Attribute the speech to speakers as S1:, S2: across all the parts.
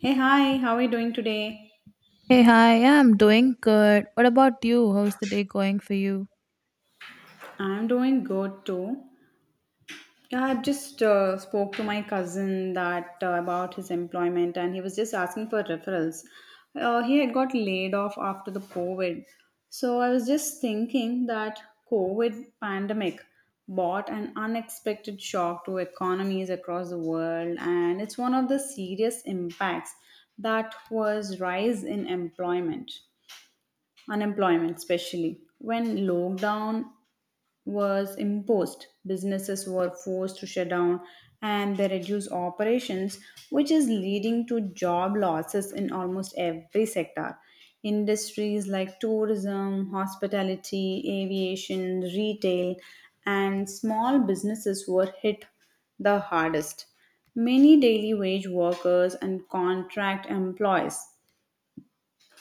S1: Hey, hi, how are you doing today?
S2: Hey, hi. Yeah, I'm doing good. What about you? How's the day going for you?
S1: I'm doing good too. Yeah, I've just spoke to my cousin that about his employment and he was just asking for referrals. He had got laid off after the COVID. So I was just thinking that COVID pandemic brought an unexpected shock to economies across the world, and it's one of the serious impacts that was rise in employment unemployment, especially when lockdown was imposed. Businesses were forced to shut down and they reduced operations, which is leading to job losses in almost every sector. Industries like tourism, hospitality, aviation, retail, and small businesses were hit the hardest. Many daily wage workers and contract employees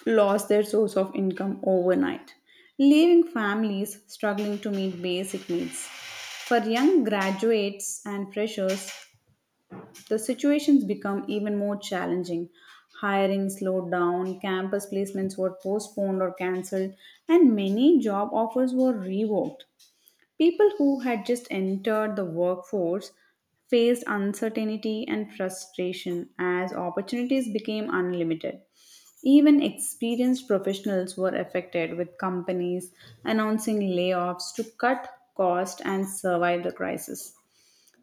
S1: lost their source of income overnight, leaving families struggling to meet basic needs. For young graduates and freshers, the situations become even more challenging. Hiring slowed down, campus placements were postponed or cancelled, and many job offers were revoked. People who had just entered the workforce faced uncertainty and frustration as opportunities became unlimited. Even experienced professionals were affected, with companies announcing layoffs to cut costs and survive the crisis.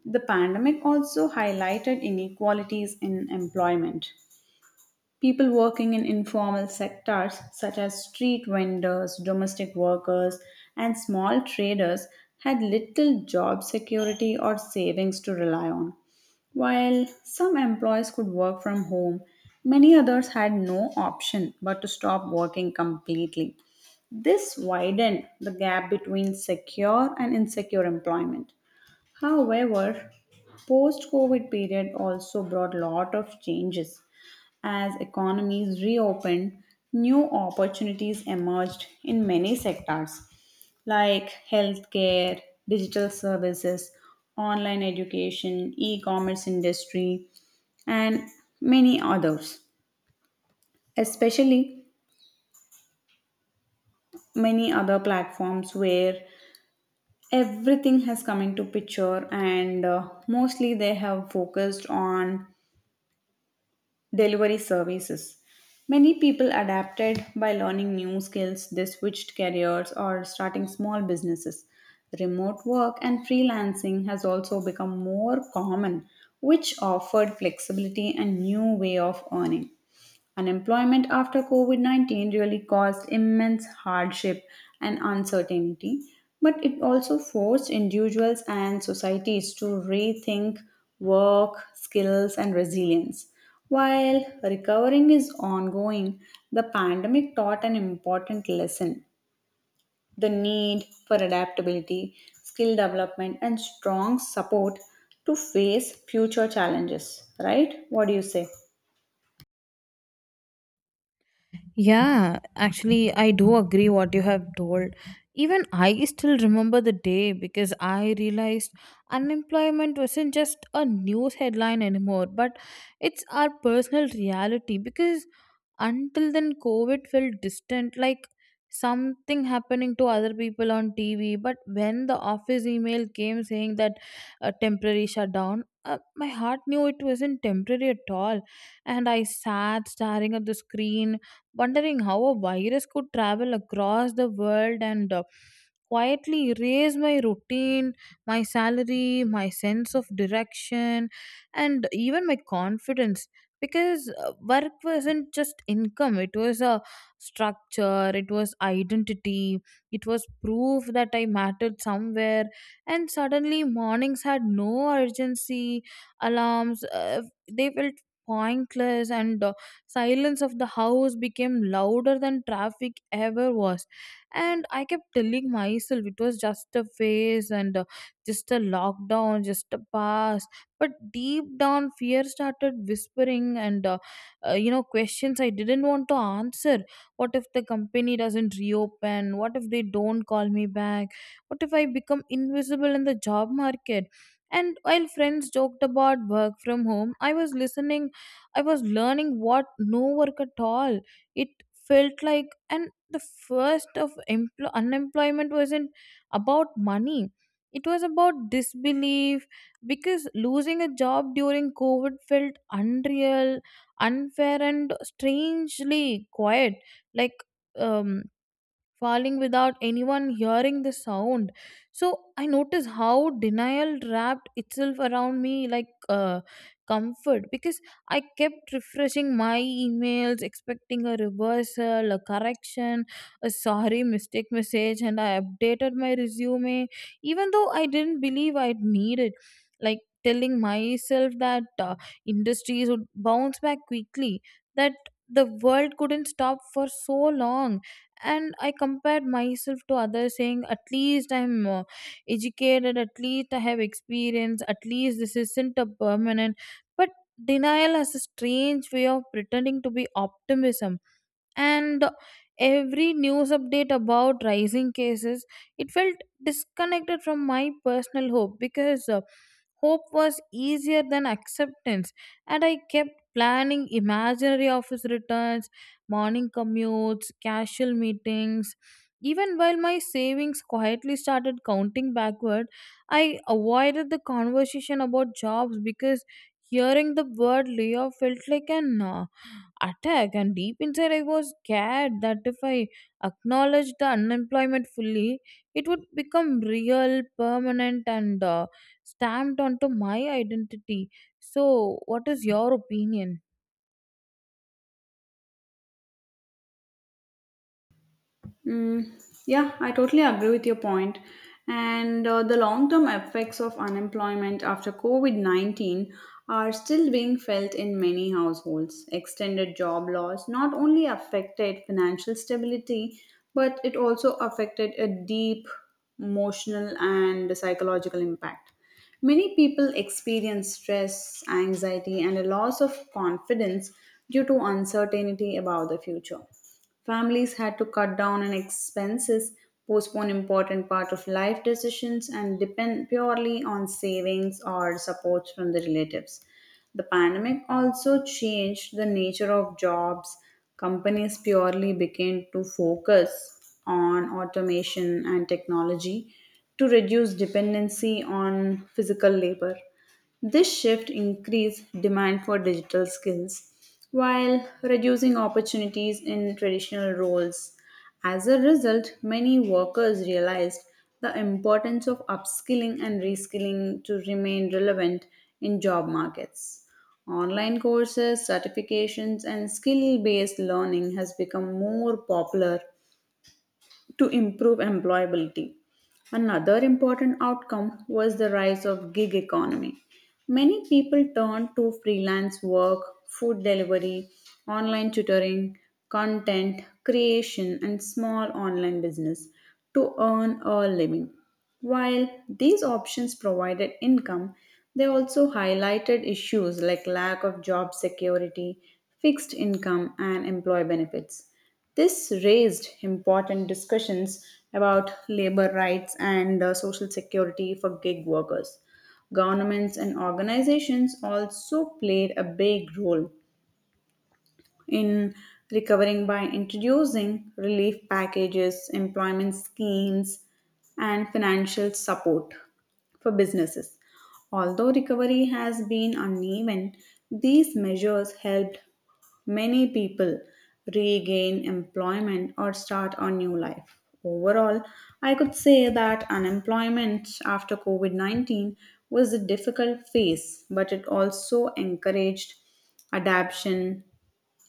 S1: The pandemic also highlighted inequalities in employment. People working in informal sectors, such as street vendors, domestic workers, and small traders, had little job security or savings to rely on. While some employees could work from home, many others had no option but to stop working completely. This widened the gap between secure and insecure employment. However, post-COVID period also brought lot of changes. As economies reopened, new opportunities emerged in many sectors like healthcare, digital services, online education, e commerce industry, and many others. Especially many other platforms where everything has come into picture, and mostly they have focused on delivery services. Many people adapted by learning new skills, they switched careers or starting small businesses. Remote work and freelancing has also become more common, which offered flexibility and new way of earning. Unemployment after COVID 19 really caused immense hardship and uncertainty, but it also forced individuals and societies to rethink work, skills, and resilience. While recovering is ongoing, the pandemic taught an important lesson, the need for adaptability, skill development, and strong support to face future challenges. Right? What do you say?
S2: Yeah, actually, I do agree what you have told. Even I still remember the day because I realized unemployment wasn't just a news headline anymore, but it's our personal reality. Because until then, COVID felt distant, like something happening to other people on TV. But when the office email came saying that a temporary shutdown, my heart knew it wasn't temporary at all. And I sat staring at the screen wondering how a virus could travel across the world and quietly erase my routine, my salary, my sense of direction, and even my confidence. Because work wasn't just income, it was a structure, it was identity, it was proof that I mattered somewhere. And suddenly, mornings had no urgency, alarms, they felt pointless and silence of the house became louder than traffic ever was, and I kept telling myself it was just a phase and just a lockdown, just a pass, but deep down fear started whispering and you know questions I didn't want to answer. What if the company doesn't reopen? What if they don't call me back? What if I become invisible in the job market? And while friends joked about work from home, I was listening. I was learning what no work at all. It felt like, and the first of unemployment wasn't about money. It was about disbelief because losing a job during COVID felt unreal, unfair, and strangely quiet. Like, um, falling without anyone hearing the sound. So I noticed how denial wrapped itself around me like comfort because I kept refreshing my emails, expecting a reversal, a correction, a sorry mistake message, and I updated my resume even though I didn't believe I'd need it. Like telling myself that industries would bounce back quickly, that the world couldn't stop for so long, and I compared myself to others saying at least I'm educated, at least I have experience, at least this isn't a permanent. But denial has a strange way of pretending to be optimism, and every news update about rising cases, it felt disconnected from my personal hope because hope was easier than acceptance, and I kept planning imaginary office returns, morning commutes, casual meetings. Even while my savings quietly started counting backward, I avoided the conversation about jobs because hearing the word layoff felt like an attack, and deep inside I was scared that if I acknowledged the unemployment fully, it would become real, permanent, and stamped onto my identity. So what is your opinion?
S1: Mm, yeah, I totally agree with your point. And the long term effects of unemployment after COVID 19 are still being felt in many households. Extended job loss not only affected financial stability, but it also affected a deep emotional and psychological impact. Many people experience stress, anxiety, and a loss of confidence due to uncertainty about the future. Families had to cut down on expenses, postpone important part of life decisions, and depend purely on savings or supports from the relatives. The pandemic also changed the nature of jobs. Companies purely began to focus on automation and technology to reduce dependency on physical labor. This shift increased demand for digital skills while reducing opportunities in traditional roles. As a result, many workers realized the importance of upskilling and reskilling to remain relevant in job markets. Online courses, certifications, and skill based learning has become more popular to improve employability. Another important outcome was the rise of gig economy. Many people turned to freelance work, food delivery, online tutoring, content creation, and small online business to earn a living. While these options provided income, they also highlighted issues like lack of job security, fixed income, and employee benefits. This raised important discussions about labor rights and social security for gig workers. Governments and organizations also played a big role in recovering by introducing relief packages, employment schemes, and financial support for businesses. Although recovery has been uneven, these measures helped many people regain employment or start a new life. Overall, I could say that unemployment after COVID 19 was a difficult phase, but it also encouraged adaptation,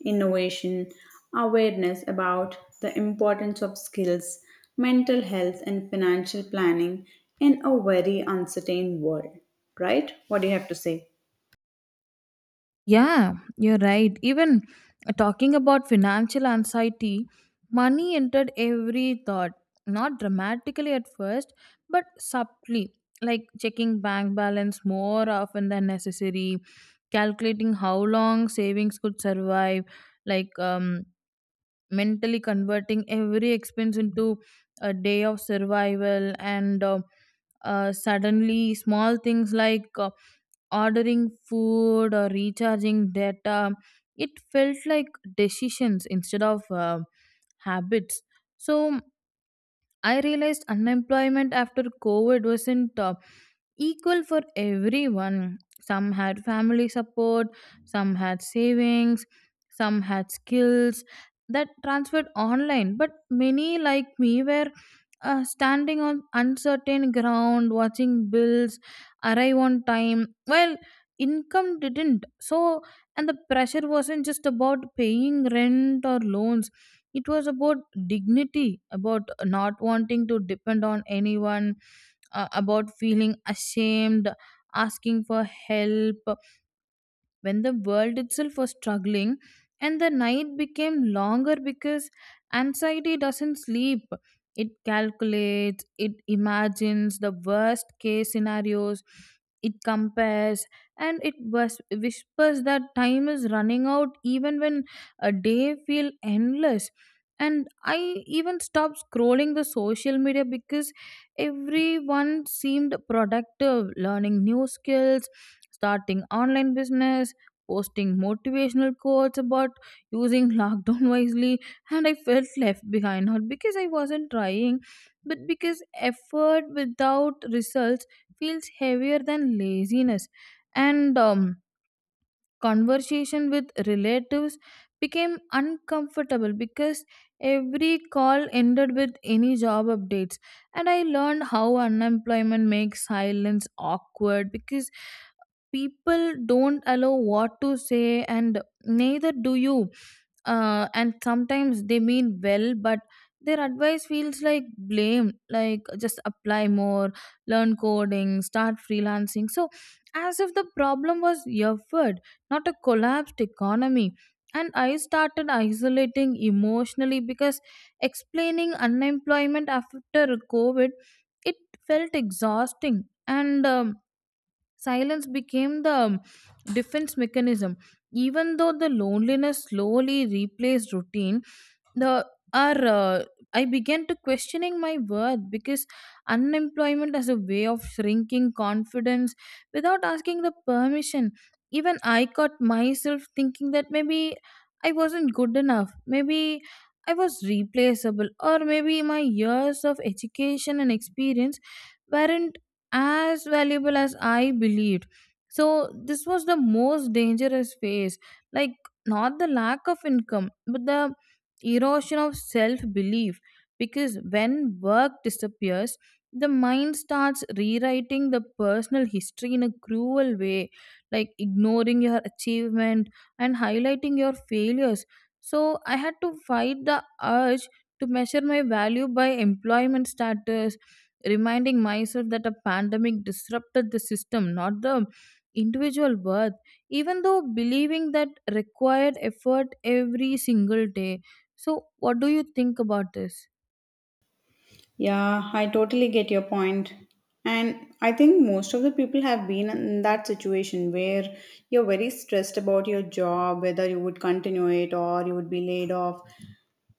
S1: innovation, awareness about the importance of skills, mental health, and financial planning in a very uncertain world. Right? What do you have to say?
S2: Yeah, you're right. Even talking about financial anxiety, money entered every thought, not dramatically at first, but subtly, like checking bank balance more often than necessary, calculating how long savings could survive, like mentally converting every expense into a day of survival and suddenly small things like ordering food or recharging data, it felt like decisions instead of habits. So I realized unemployment after COVID wasn't equal for everyone. Some had family support, some had savings, some had skills that transferred online. But many, like me, were standing on uncertain ground, watching bills arrive on time, while income didn't. So, and the pressure wasn't just about paying rent or loans, it was about dignity, about not wanting to depend on anyone, about feeling ashamed asking for help when the world itself was struggling. And the night became longer because anxiety doesn't sleep, it calculates, it imagines the worst case scenarios, it compares, and it whispers that time is running out even when a day feel endless. And I even stopped scrolling the social media because everyone seemed productive, learning new skills, starting online business, posting motivational quotes about using lockdown wisely, and I felt left behind not because I wasn't trying, but because effort without results feels heavier than laziness. And conversation with relatives became uncomfortable because every call ended with any job updates, and I learned how unemployment makes silence awkward because people don't allow what to say and neither do you. And sometimes they mean well, but their advice feels like blame, like just apply more, learn coding, start freelancing, so as if the problem was effort, not a collapsed economy. And I started isolating emotionally because explaining unemployment after COVID, it felt exhausting, and silence became the defense mechanism. Even though the loneliness slowly replaced routine, the are I began to questioning my worth because unemployment as a way of shrinking confidence without asking the permission. Even I caught myself thinking that maybe I wasn't good enough. Maybe I was replaceable, or maybe my years of education and experience weren't as valuable as I believed. So, this was the most dangerous phase. Like, not the lack of income, but the erosion of self belief. Because when work disappears, the mind starts rewriting the personal history in a cruel way, like ignoring your achievement and highlighting your failures. So, I had to fight the urge to measure my value by employment status, reminding myself that a pandemic disrupted the system, not the individual worth, even though believing that required effort every single day. So, what do you think about this?
S1: Yeah, I totally get your point. And I think most of the people have been in that situation where you're very stressed about your job, whether you would continue it or you would be laid off.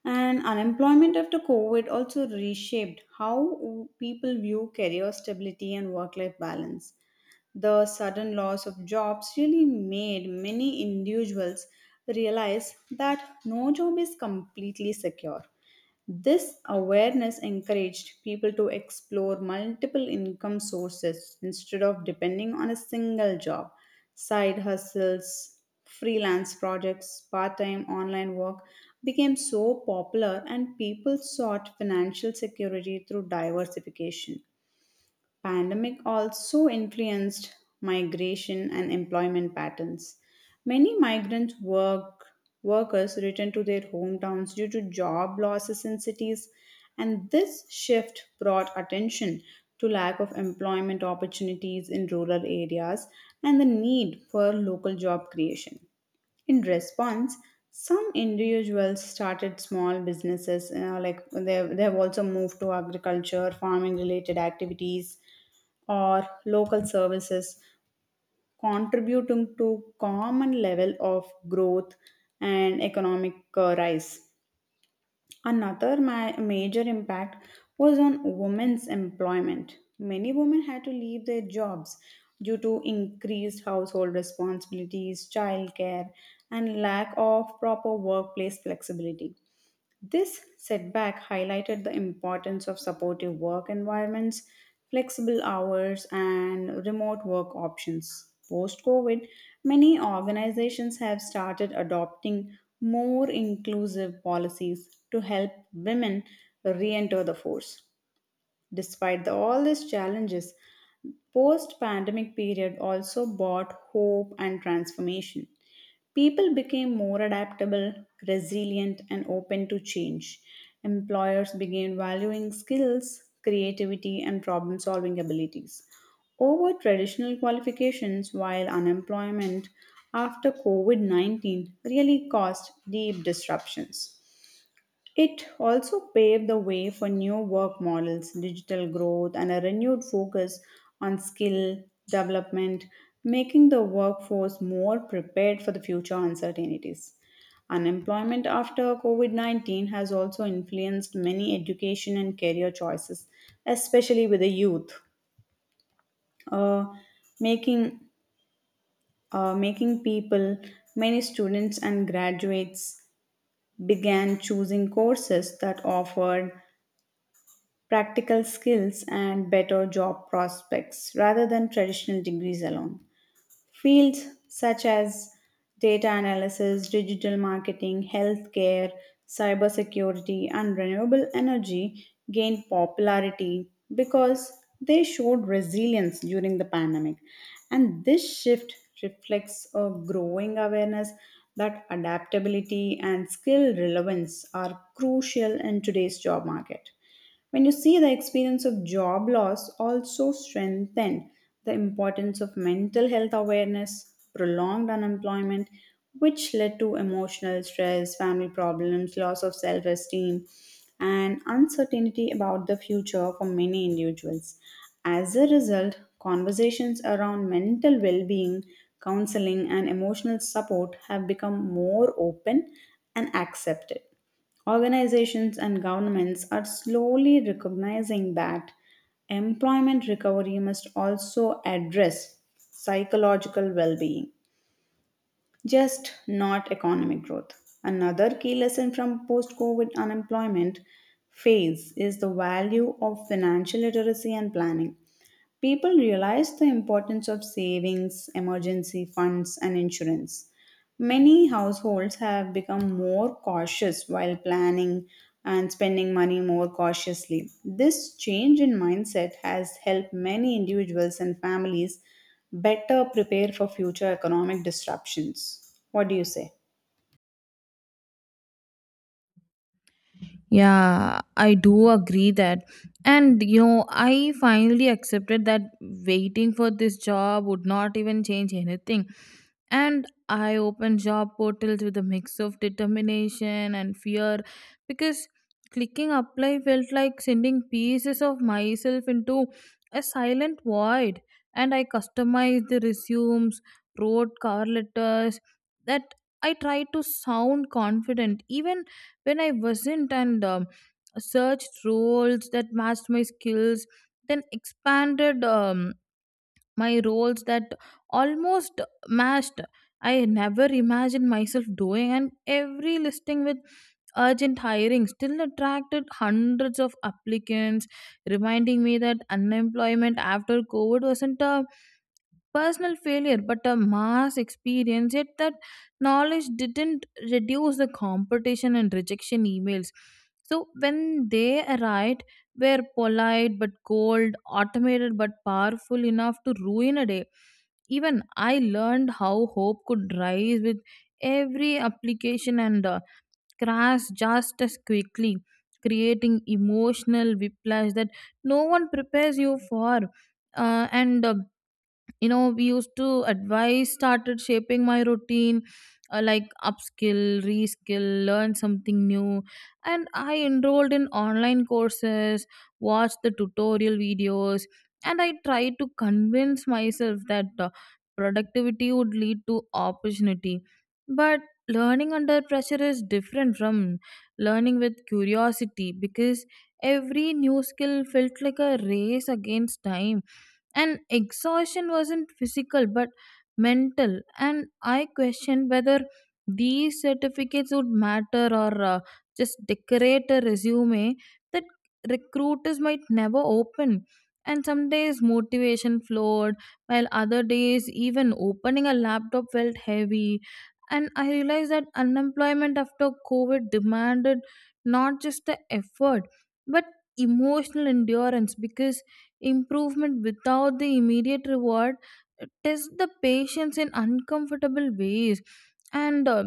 S1: And unemployment after COVID also reshaped how people view career stability and work life balance. The sudden loss of jobs really made many individuals realize that no job is completely secure. This awareness encouraged people to explore multiple income sources instead of depending on a single job. Side hustles, freelance projects, part time online work became so popular, and people sought financial security through diversification. Pandemic also influenced migration and employment patterns. Many migrant workers returned to their hometowns due to job losses in cities, and this shift brought attention to lack of employment opportunities in rural areas and the need for local job creation. In response, some individuals started small businesses, you know, like they have also moved to agriculture, farming related activities, or local services, contributing to common level of growth and economic rise. Another major impact was on women's employment. Many women had to leave their jobs due to increased household responsibilities, childcare, and lack of proper workplace flexibility. This setback highlighted the importance of supportive work environments, flexible hours, and remote work options. Post COVID, many organizations have started adopting more inclusive policies to help women re enter the force. Despite all these challenges, post-pandemic period also brought hope and transformation. People became more adaptable, resilient, and open to change. Employers began valuing skills, creativity, and problem solving abilities over traditional qualifications, while unemployment after COVID 19 really caused deep disruptions. It also paved the way for new work models, digital growth, and a renewed focus on skill development, making the workforce more prepared for the future uncertainties. Unemployment after COVID 19 has also influenced many education and career choices, especially with the youth, uh, making, uh, making people, many students and graduates began choosing courses that offered practical skills, and better job prospects rather than traditional degrees alone. Fields such as data analysis, digital marketing, healthcare, cybersecurity, and renewable energy gained popularity because they showed resilience during the pandemic. And this shift reflects a growing awareness that adaptability and skill relevance are crucial in today's job market. When you see, the experience of job loss also strengthened the importance of mental health awareness, prolonged unemployment, which led to emotional stress, family problems, loss of self esteem, and uncertainty about the future for many individuals. As a result, conversations around mental well being, counseling, and emotional support have become more open and accepted. Organizations and governments are slowly recognizing that employment recovery must also address psychological well being, just not economic growth. Another key lesson from post COVID unemployment phase is the value of financial literacy and planning. People realize the importance of savings, emergency funds, and insurance. Many households have become more cautious while planning and spending money more cautiously. This change in mindset has helped many individuals and families better prepare for future economic disruptions. What do you say?
S2: Yeah, I do agree that. And you know, I finally accepted that waiting for this job would not even change anything. And I opened job portals with a mix of determination and fear because clicking apply felt like sending pieces of myself into a silent void. And I customized the resumes, wrote cover letters that I tried to sound confident even when I wasn't, and searched roles that matched my skills, then expanded. My roles that almost matched I never imagined myself doing, and every listing with urgent hiring still attracted hundreds of applicants, reminding me that unemployment after COVID wasn't a personal failure but a mass experience, yet that knowledge didn't reduce the competition and rejection emails, so when they arrived were polite but cold, automated but powerful enough to ruin a day. Even I learned how hope could rise with every application and crash just as quickly, creating emotional whiplash that no one prepares you for. And you know, we used to advice started shaping my routine, like upskill, reskill, learn something new, and I enrolled in online courses, watched the tutorial videos, and I tried to convince myself that productivity would lead to opportunity, but learning under pressure is different from learning with curiosity because every new skill felt like a race against time and exhaustion wasn't physical but mental. And I questioned whether these certificates would matter or just decorate a resume that recruiters might never open. And some days motivation flowed while other days even opening a laptop felt heavy, and I realized that unemployment after COVID demanded not just the effort but emotional endurance because improvement without the immediate reward test the patience in uncomfortable ways. And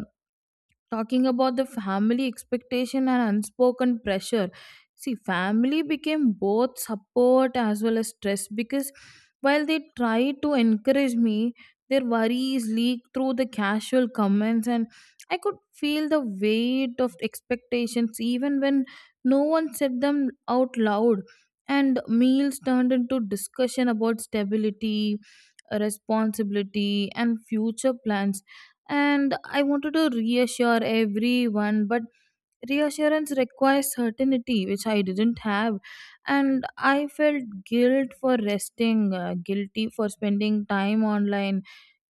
S2: talking about the family expectation and unspoken pressure, see family became both support as well as stress because while they tried to encourage me, their worries leaked through the casual comments and I could feel the weight of expectations even when no one said them out loud. And meals turned into discussion about stability, responsibility and future plans, and I wanted to reassure everyone, but reassurance requires certainty, which I didn't have, and I felt guilt for resting, guilty for spending time online,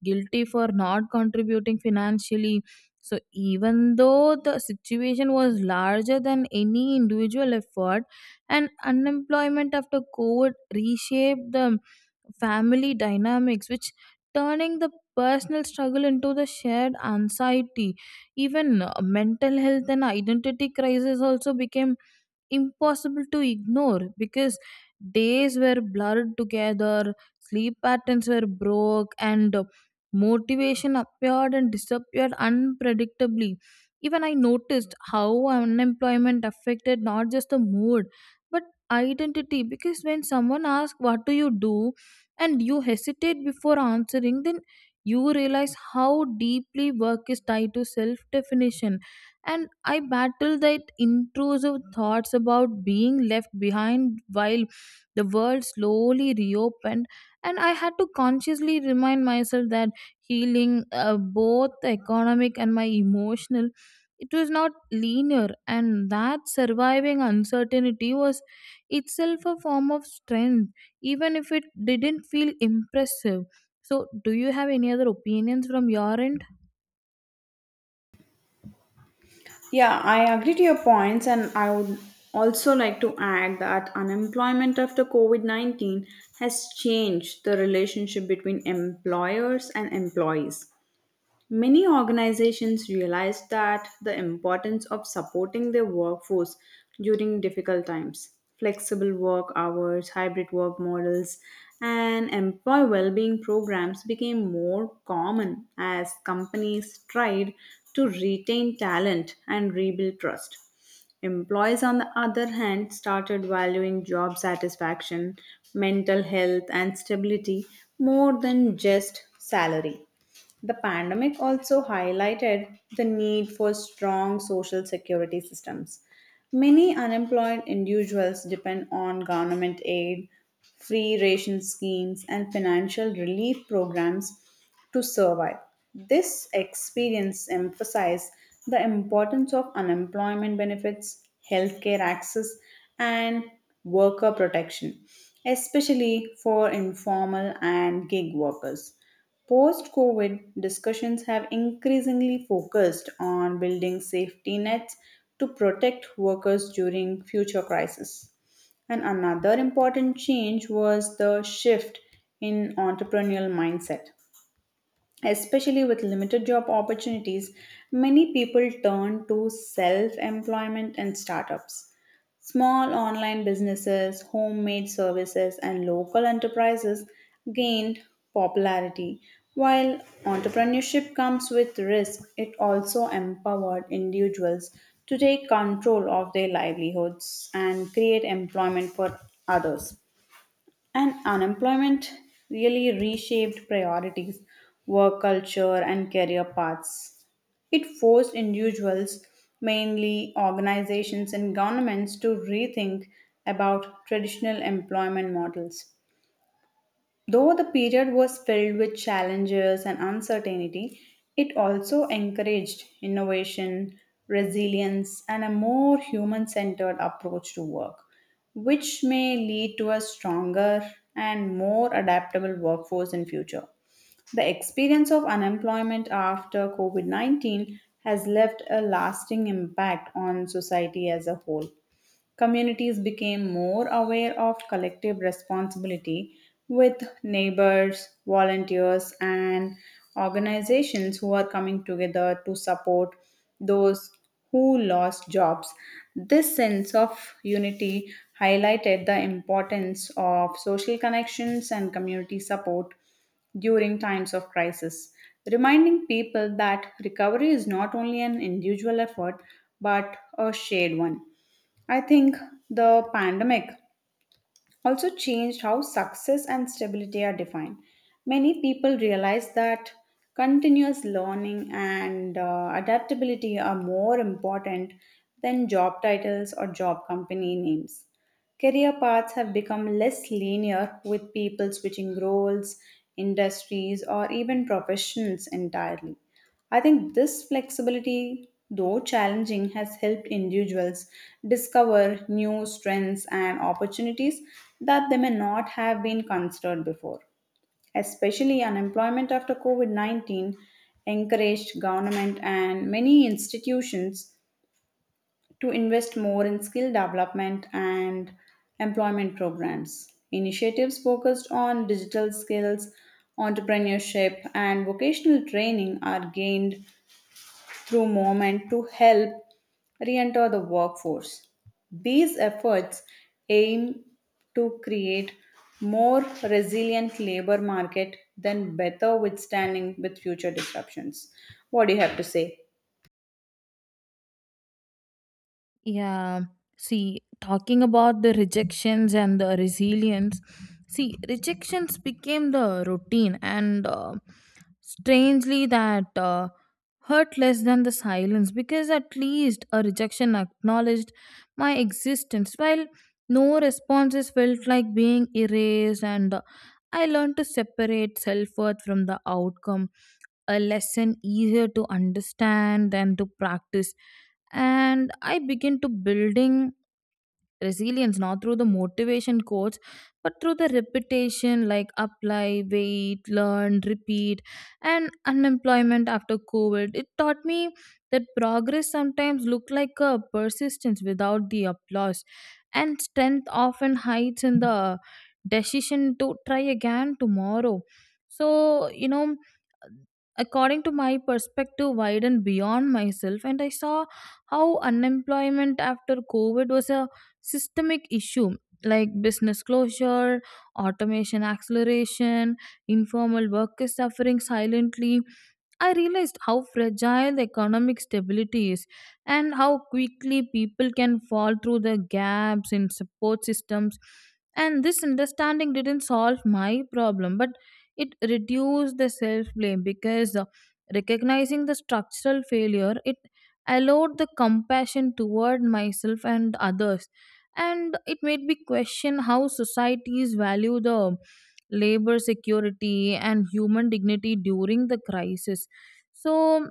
S2: guilty for not contributing financially. So, even though the situation was larger than any individual effort, and unemployment after COVID reshaped the family dynamics, which turning the personal struggle into the shared anxiety. Even mental health and identity crisis also became impossible to ignore because days were blurred together, sleep patterns were broke, and motivation appeared and disappeared unpredictably. Even I noticed how unemployment affected not just the mood but identity because when someone asks, "What do you do?" and you hesitate before answering, then you realize how deeply work is tied to self definition. And I battle that intrusive thoughts about being left behind while the world slowly reopened, and I had to consciously remind myself that healing, both the economic and my emotional, it was not linear, and that surviving uncertainty was itself a form of strength even if it didn't feel impressive. So do you have any other opinions from your end?
S1: Yeah, I agree to your points, and I would also like to add that unemployment after COVID 19 has changed the relationship between employers and employees. Many organizations realized that the importance of supporting their workforce during difficult times. Flexible work hours, hybrid work models, and employee well being programs became more common as companies tried to retain talent and rebuild trust. Employees, on the other hand, started valuing job satisfaction, mental health, and stability more than just salary. The pandemic also highlighted the need for strong social security systems. Many unemployed individuals depend on government aid, free ration schemes, and financial relief programs to survive. This experience emphasized the importance of unemployment benefits, healthcare access, and worker protection, especially for informal and gig workers. Post COVID, discussions have increasingly focused on building safety nets to protect workers during future crises. And another important change was the shift in entrepreneurial mindset. Especially with limited job opportunities, many people turn to self employment and startups. Small online businesses, homemade services, and local enterprises gained popularity. While entrepreneurship comes with risk, it also empowered individuals to take control of their livelihoods and create employment for others. And unemployment really reshaped priorities, work culture, and career paths. It forced individuals, mainly organizations and governments, to rethink about traditional employment models. Though the period was filled with challenges and uncertainty, it also encouraged innovation, resilience, and a more human centered approach to work, which may lead to a stronger and more adaptable workforce in future. The experience of unemployment after COVID 19 has left a lasting impact on society as a whole. Communities became more aware of collective responsibility with neighbors, volunteers, and organizations who are coming together to support those who lost jobs. This sense of unity highlighted the importance of social connections and community support during times of crisis, reminding people that recovery is not only an individual effort but a shared one. I think the pandemic also changed how success and stability are defined. Many people realize that continuous learning and adaptability are more important than job titles or job company names. Career paths have become less linear with people switching roles, industries, or even professions entirely. I think this flexibility, though challenging, has helped individuals discover new strengths and opportunities that they may not have been considered before. Especially unemployment after COVID 19 encouraged government and many institutions to invest more in skill development and employment programs. Initiatives focused on digital skills, entrepreneurship, and vocational training are gained through movement to help re-enter the workforce. These efforts aim to create more resilient labor market than better withstanding with future disruptions. What do you have to say?
S2: Yeah. See, talking about the rejections and the resilience, see, rejections became the routine and strangely that hurt less than the silence because at least a rejection acknowledged my existence while no responses felt like being erased, and I learned to separate self worth from the outcome, a lesson easier to understand than to practice. And I begin to building resilience not through the motivation quotes but through the repetition, like apply, wait, learn, repeat. And unemployment after COVID, it taught me that progress sometimes looked like a persistence without the applause and strength often hides in the decision to try again tomorrow. So you know, according to my perspective widened beyond myself and I saw how unemployment after COVID was a systemic issue, like business closure, automation acceleration, informal workers suffering silently, I realized how fragile the economic stability is and how quickly people can fall through the gaps in support systems. And this understanding didn't solve my problem, but it reduced the self blame because recognizing the structural failure, it allowed the compassion toward myself and others. And it made me question how societies value the labor security and human dignity during the crisis. So,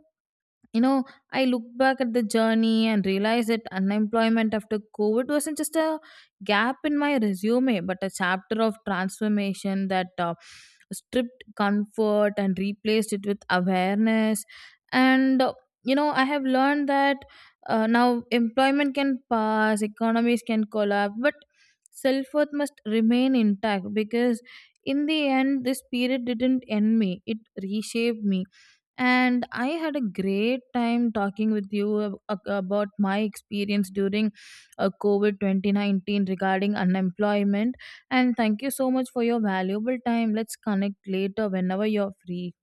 S2: you know, I look back at the journey and realize that unemployment after COVID wasn't just a gap in my resume, but a chapter of transformation that stripped comfort and replaced it with awareness. And, uh, you know, I have learned that now employment can pass, economies can collapse, but self worth must remain intact because in the end, this period didn't end me, it reshaped me. And I had a great time talking with you about my experience during COVID 2019 regarding unemployment. And thank you so much for your valuable time. Let's connect later whenever you're free.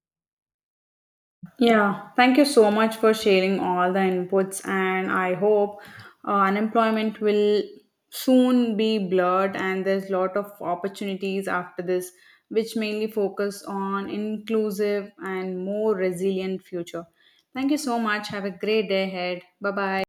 S1: Yeah, thank you so much for sharing all the inputs, and I hope unemployment will soon be blurred, and there's lot of opportunities after this, which mainly focus on inclusive and more resilient future. Thank you so much. Have a great day ahead. Bye bye.